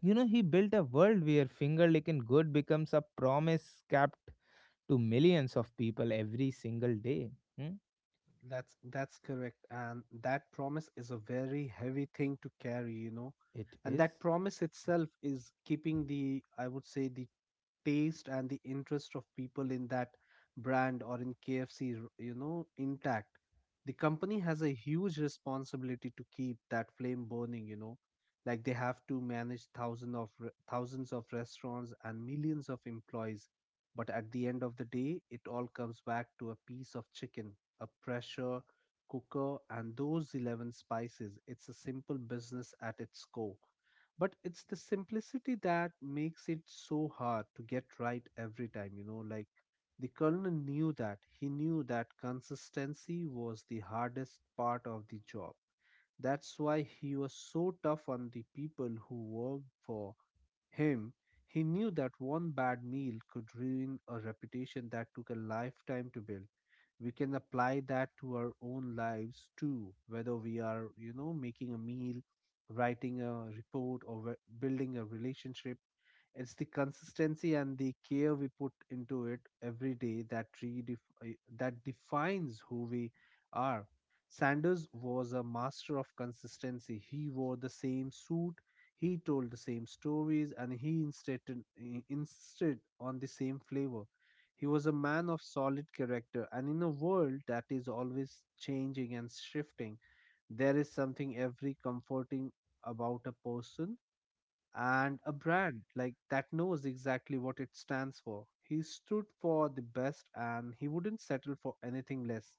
you know, he built a world where finger licking good becomes a promise kept to millions of people every single day. Hmm?
That's correct, and that promise is a very heavy thing to carry, you know,
It
and that
is.
promise itself is keeping the, I would say, the taste and the interest of people in that brand or in KFC, you know, intact. The company has a huge responsibility to keep that flame burning, you know, like they have to manage thousands of restaurants and millions of employees. But at the end of the day, it all comes back to a piece of chicken, a pressure cooker, and those 11 spices. It's a simple business at its core, but it's the simplicity that makes it so hard to get right every time, you know, like the colonel knew that. He knew that consistency was the hardest part of the job. That's why he was so tough on the people who worked for him. He knew that one bad meal could ruin a reputation that took a lifetime to build. We can apply that to our own lives too, whether we are, you know, making a meal, writing a report, or building a relationship. It's the consistency and the care we put into it every day that that defines who we are. Sanders was a master of consistency. He wore the same suit, he told the same stories, and he insisted on the same flavor. He was a man of solid character, and in a world that is always changing and shifting, there is something every comforting about a person and a brand like that knows exactly what it stands for. He stood for the best, and he wouldn't settle for anything less.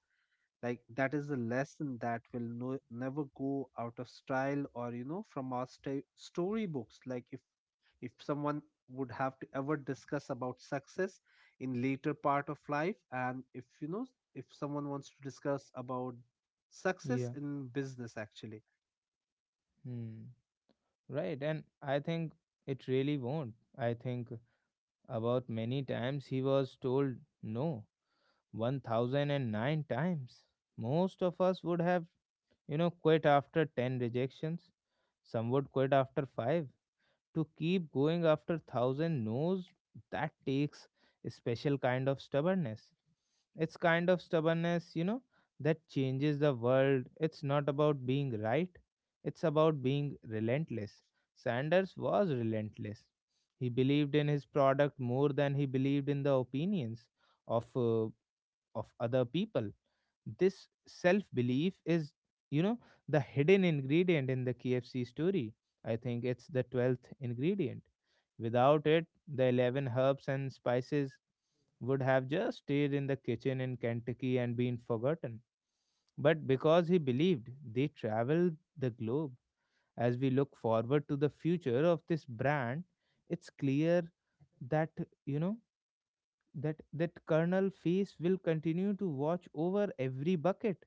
Like that is a lesson that will never go out of style, or you know, from our storybooks. Like if someone would have to ever discuss about success in later part of life, and if you know, if someone wants to discuss about success
Yeah.
in business actually.
Hmm. Right. And I think it really won't. I think about many times he was told no 1009 times. Most of us would have, you know, quit after 10 rejections. Some would quit after 5. To keep going after thousand no's, that takes a special kind of stubbornness. It's kind of stubbornness, you know, that changes the world. It's not about being right, it's about being relentless. Sanders was relentless. He believed in his product more than he believed in the opinions of uh, of other people. This self belief is, you know, the hidden ingredient in the KFC story. I think it's the 12th ingredient. Without it, the 11 herbs and spices would have just stayed in the kitchen in Kentucky and been forgotten. But because he believed, they traveled the globe. As we look forward to the future of this brand, it's clear that, you know, that Colonel Face will continue to watch over every bucket.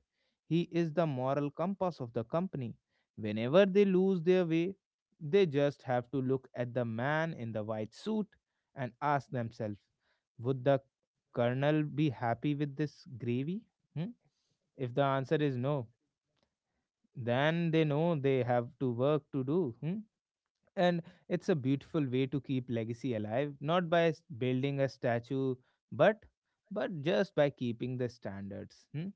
He is the moral compass of the company. Whenever they lose their way, they just have to look at the man in the white suit and ask themselves, would the Colonel be happy with this gravy? Hmm? If the answer is no, then they know they have to work to do. Hmm? And it's a beautiful way to keep legacy alive, not by building a statue, but but just by keeping the standards. Hmm?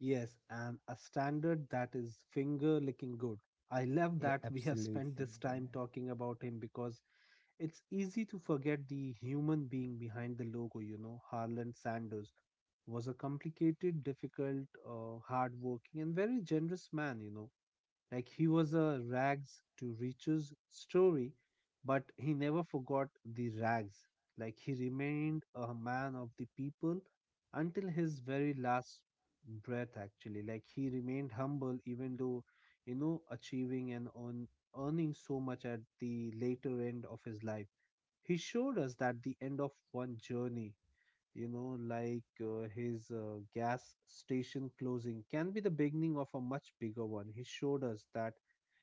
Yes, and a standard that is finger licking good. I love
Yeah,
that we have spent
absolutely.
this time
Yeah.
talking about him because it's easy to forget the human being behind the logo, you know. Harlan Sanders was a complicated, difficult, hardworking, and very generous man, you know. Like he was a rags to riches story, but he never forgot the rags. Like he remained a man of the people until his very last breath, actually. Like he remained humble, even though, you know, achieving and earning so much at the later end of his life. He showed us that the end of one journey, you know, like his gas station closing can be the beginning of a much bigger one. He showed us that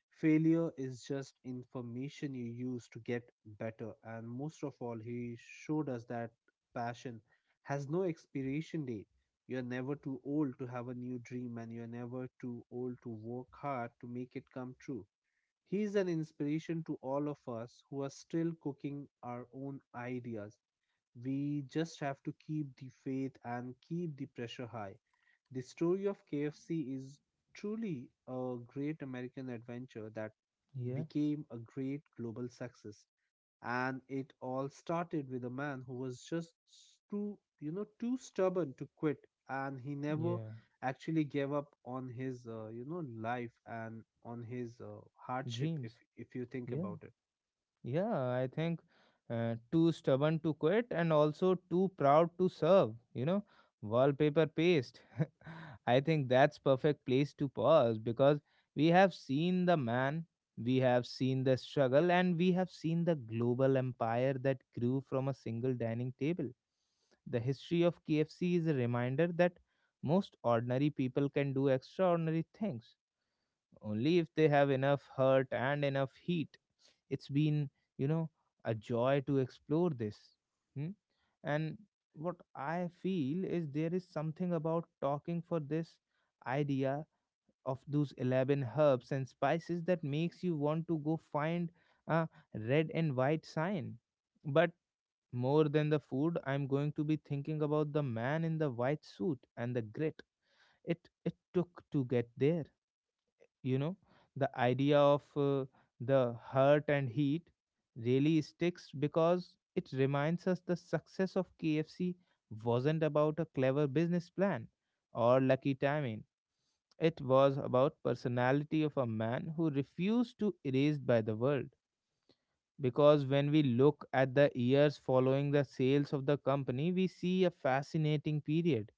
failure is just information you use to get better. And most of all, he showed us that passion has no expiration date. You're never too old to have a new dream, and you're never too old to work hard to make it come true. He is an inspiration to all of us who are still cooking our own ideas. We just have to keep the faith and keep the pressure high. The story of KFC is truly a great American adventure that
Yeah.
became a great global success. And it all started with a man who was just too stubborn to quit. And he never
Yeah.
actually gave up on his, life and on his hardship,
Dreams.
if you think
Yeah.
about it.
Yeah, I think too stubborn to quit and also too proud to serve, you know, wallpaper paste. *laughs* I think that's perfect place to pause because we have seen the man, we have seen the struggle and we have seen the global empire that grew from a single dining table. The history of KFC is a reminder that most ordinary people can do extraordinary things only if they have enough heart and enough heat. It's been, you know, a joy to explore this. Hmm? And what I feel is there is something about talking for this idea of those 11 herbs and spices that makes you want to go find a red and white sign. But more than the food, I'm going to be thinking about the man in the white suit and the grit it took to get there, you know, the idea of the hurt and heat really sticks because it reminds us the success of KFC wasn't about a clever business plan or lucky timing. It was about personality of a man who refused to erased by the world. Because when we look at the years following the sales of the company, we see a fascinating period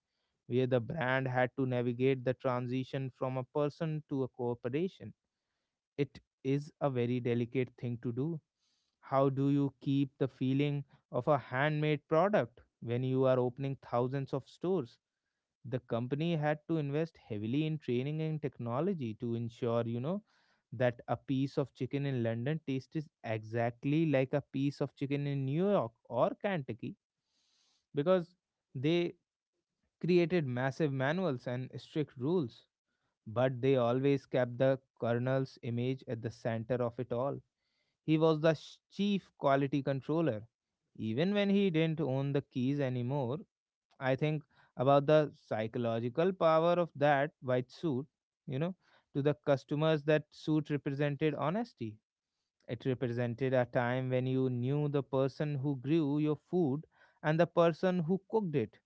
where the brand had to navigate the transition from a person to a corporation. It is a very delicate thing to do. How do you keep the feeling of a handmade product when you are opening thousands of stores? The company had to invest heavily in training and technology to ensure, you know, that a piece of chicken in London tastes exactly like a piece of chicken in New York or Kentucky. Because they created massive manuals and strict rules, but they always kept the Colonel's image at the center of it all. He was the chief quality controller. Even when he didn't own the keys anymore, I think about the psychological power of that white suit, you know. To the customers, that suit represented honesty. It represented a time when you knew the person who grew your food and the person who cooked it.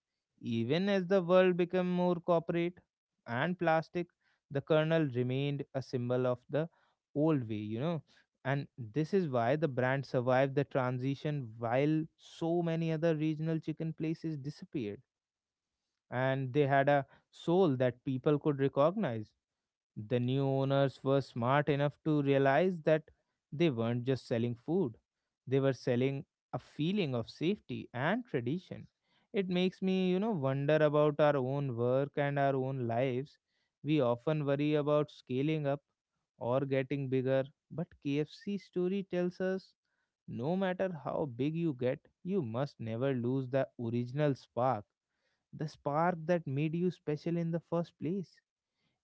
Even as the world became more corporate and plastic, the kernel remained a symbol of the old way, you know. And this is why the brand survived the transition while so many other regional chicken places disappeared. And they had a soul that people could recognize. The new owners were smart enough to realize that they weren't just selling food, they were selling a feeling of safety and tradition. It makes me, you know, wonder about our own work and our own lives. We often worry about scaling up or getting bigger, but KFC story tells us no matter how big you get, you must never lose the original spark, the spark that made you special in the first place.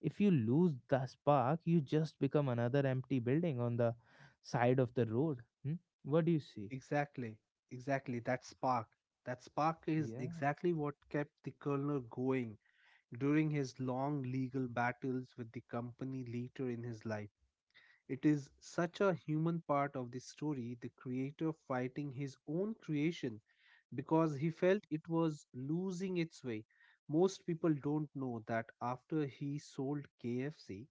If you lose the spark, you just become another empty building on the side of the road. Hmm? What do you see?
Exactly, exactly. That spark. That spark is
Yeah,
exactly what kept the colonel going during his long legal battles with the company later in his life. It is such a human part of the story, the creator fighting his own creation because he felt it was losing its way. Most people don't know that after he sold KFC,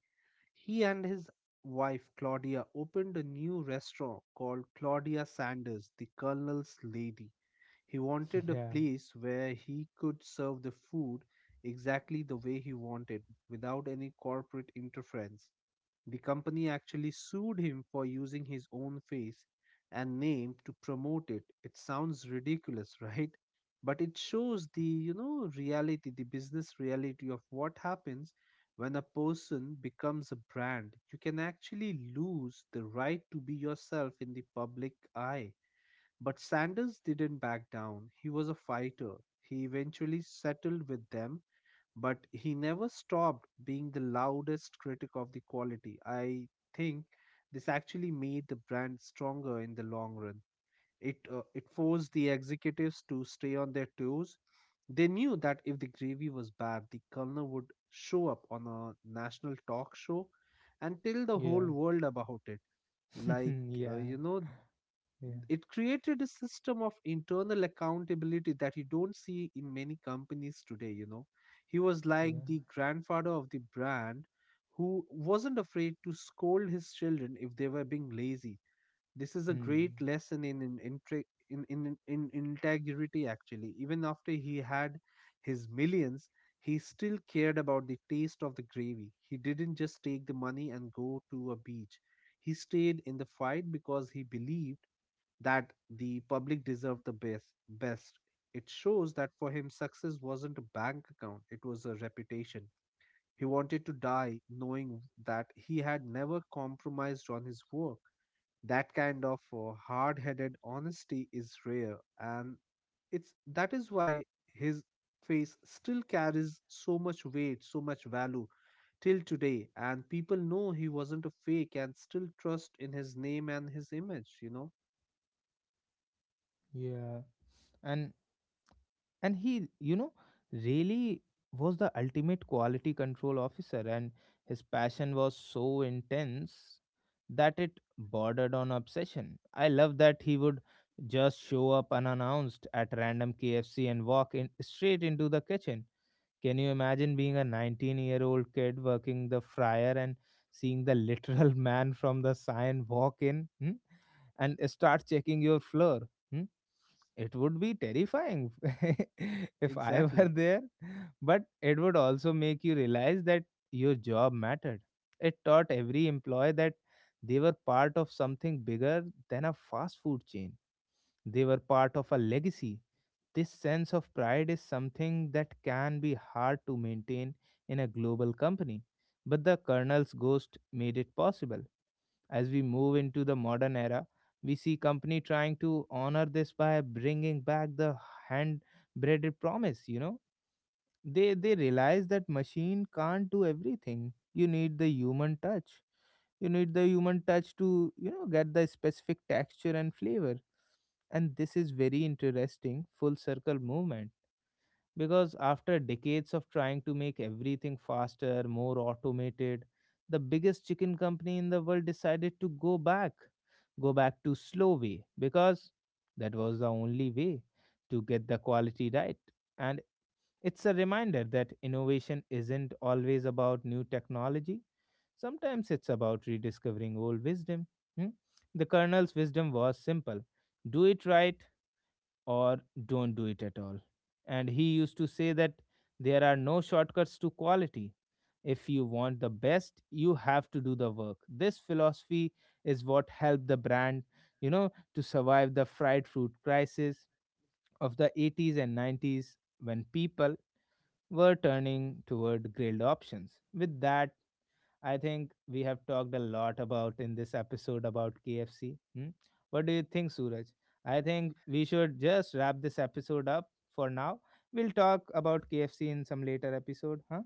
he and his wife Claudia opened a new restaurant called Claudia Sanders, the Colonel's Lady. He
*laughs*
wanted a
yeah,
place where he could serve the food exactly the way he wanted without any corporate interference. The company actually sued him for using his own face and name to promote it. It sounds ridiculous, *laughs* right? But it shows the, you know, reality, the business reality of what happens when a person becomes a brand. You can actually lose the right to be yourself in the public eye. But Sanders didn't back down. He was a fighter. He eventually settled with them, but he never stopped being the loudest critic of the quality. I think this actually made the brand stronger in the long run. It forced the executives to stay on their toes. They knew that if the gravy was bad, the colonel would show up on a national talk show and tell the
yeah,
whole world about it.
*laughs*
Like uh,
yeah,
you know,
yeah,
it created a system of internal accountability that you don't see in many companies today, you know. He was like
yeah.
the grandfather of the brand who wasn't afraid to scold his children if they were being lazy. This is a
Hmm.
great lesson in in integrity actually. Even after he had his millions, he still cared about the taste of the gravy. He didn't just take the money and go to a beach. He stayed in the fight because he believed that the public deserved the best. It shows that for him success wasn't a bank account, it was a reputation. He wanted to die knowing that he had never compromised on his work. That kind of hard-headed honesty is rare, and it's that is why his face still carries so much weight, so much value till today, and people know he wasn't a fake and still trust in his name and his image, you know.
Yeah. And and he, you know, really was the ultimate quality control officer, and his passion was so intense that it bordered on obsession. I love that he would just show up unannounced at random KFC and walk in straight into the kitchen. Can you imagine being a 19-year-old kid working the fryer and seeing the literal *laughs* man from the sign walk in? Hmm, and start checking your floor. Hmm? It would be terrifying. *laughs* If I
Exactly.
were there, but it would also make you realize that your job mattered. It taught every employee that they were part of something bigger than a fast food chain. They were part of a legacy. This sense of pride is something that can be hard to maintain in a global company, but the Colonel's ghost made it possible. As we move into the modern era, we see company trying to honor this by bringing back the hand breaded promise, you know. They realize that machine can't do everything. You need the human touch. You need the human touch to, you know, get the specific texture and flavor. And this is very interesting full circle movement because after decades of trying to make everything faster, more automated, the biggest chicken company in the world decided to go back to slow way because that was the only way to get the quality right. And it's a reminder that innovation isn't always about new technology. Sometimes it's about rediscovering old wisdom. Hmm? The Colonel's wisdom was simple: do it right or don't do it at all. And he used to say that there are no shortcuts to quality. If you want the best, you have to do the work. This philosophy is what helped the brand, you know, to survive the fried fruit crisis of the 80s and 90s when people were turning toward grilled options. With that, I think we have talked a lot about in this episode about KFC. Hmm? What do you think, Suraj? I think we should just wrap this episode up for now. We'll talk about KFC in some later episode, huh?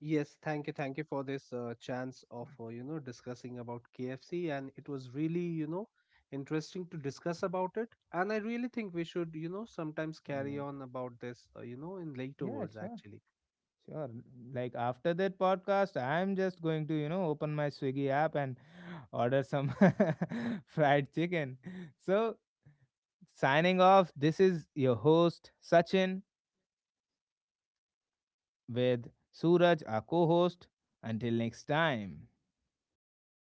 Yes, thank you for this chance of discussing about KFC, and it was really you know interesting to discuss about it. And I really think we should you know sometimes carry
Yeah.
on about this in later
Yeah,
words
sure.
actually.
Sure. Like after that podcast, I'm just going to, you know, open my Swiggy app and order some *laughs* fried chicken. So, signing off, this is your host, Sachin, with Suraj, our co host. Until next time.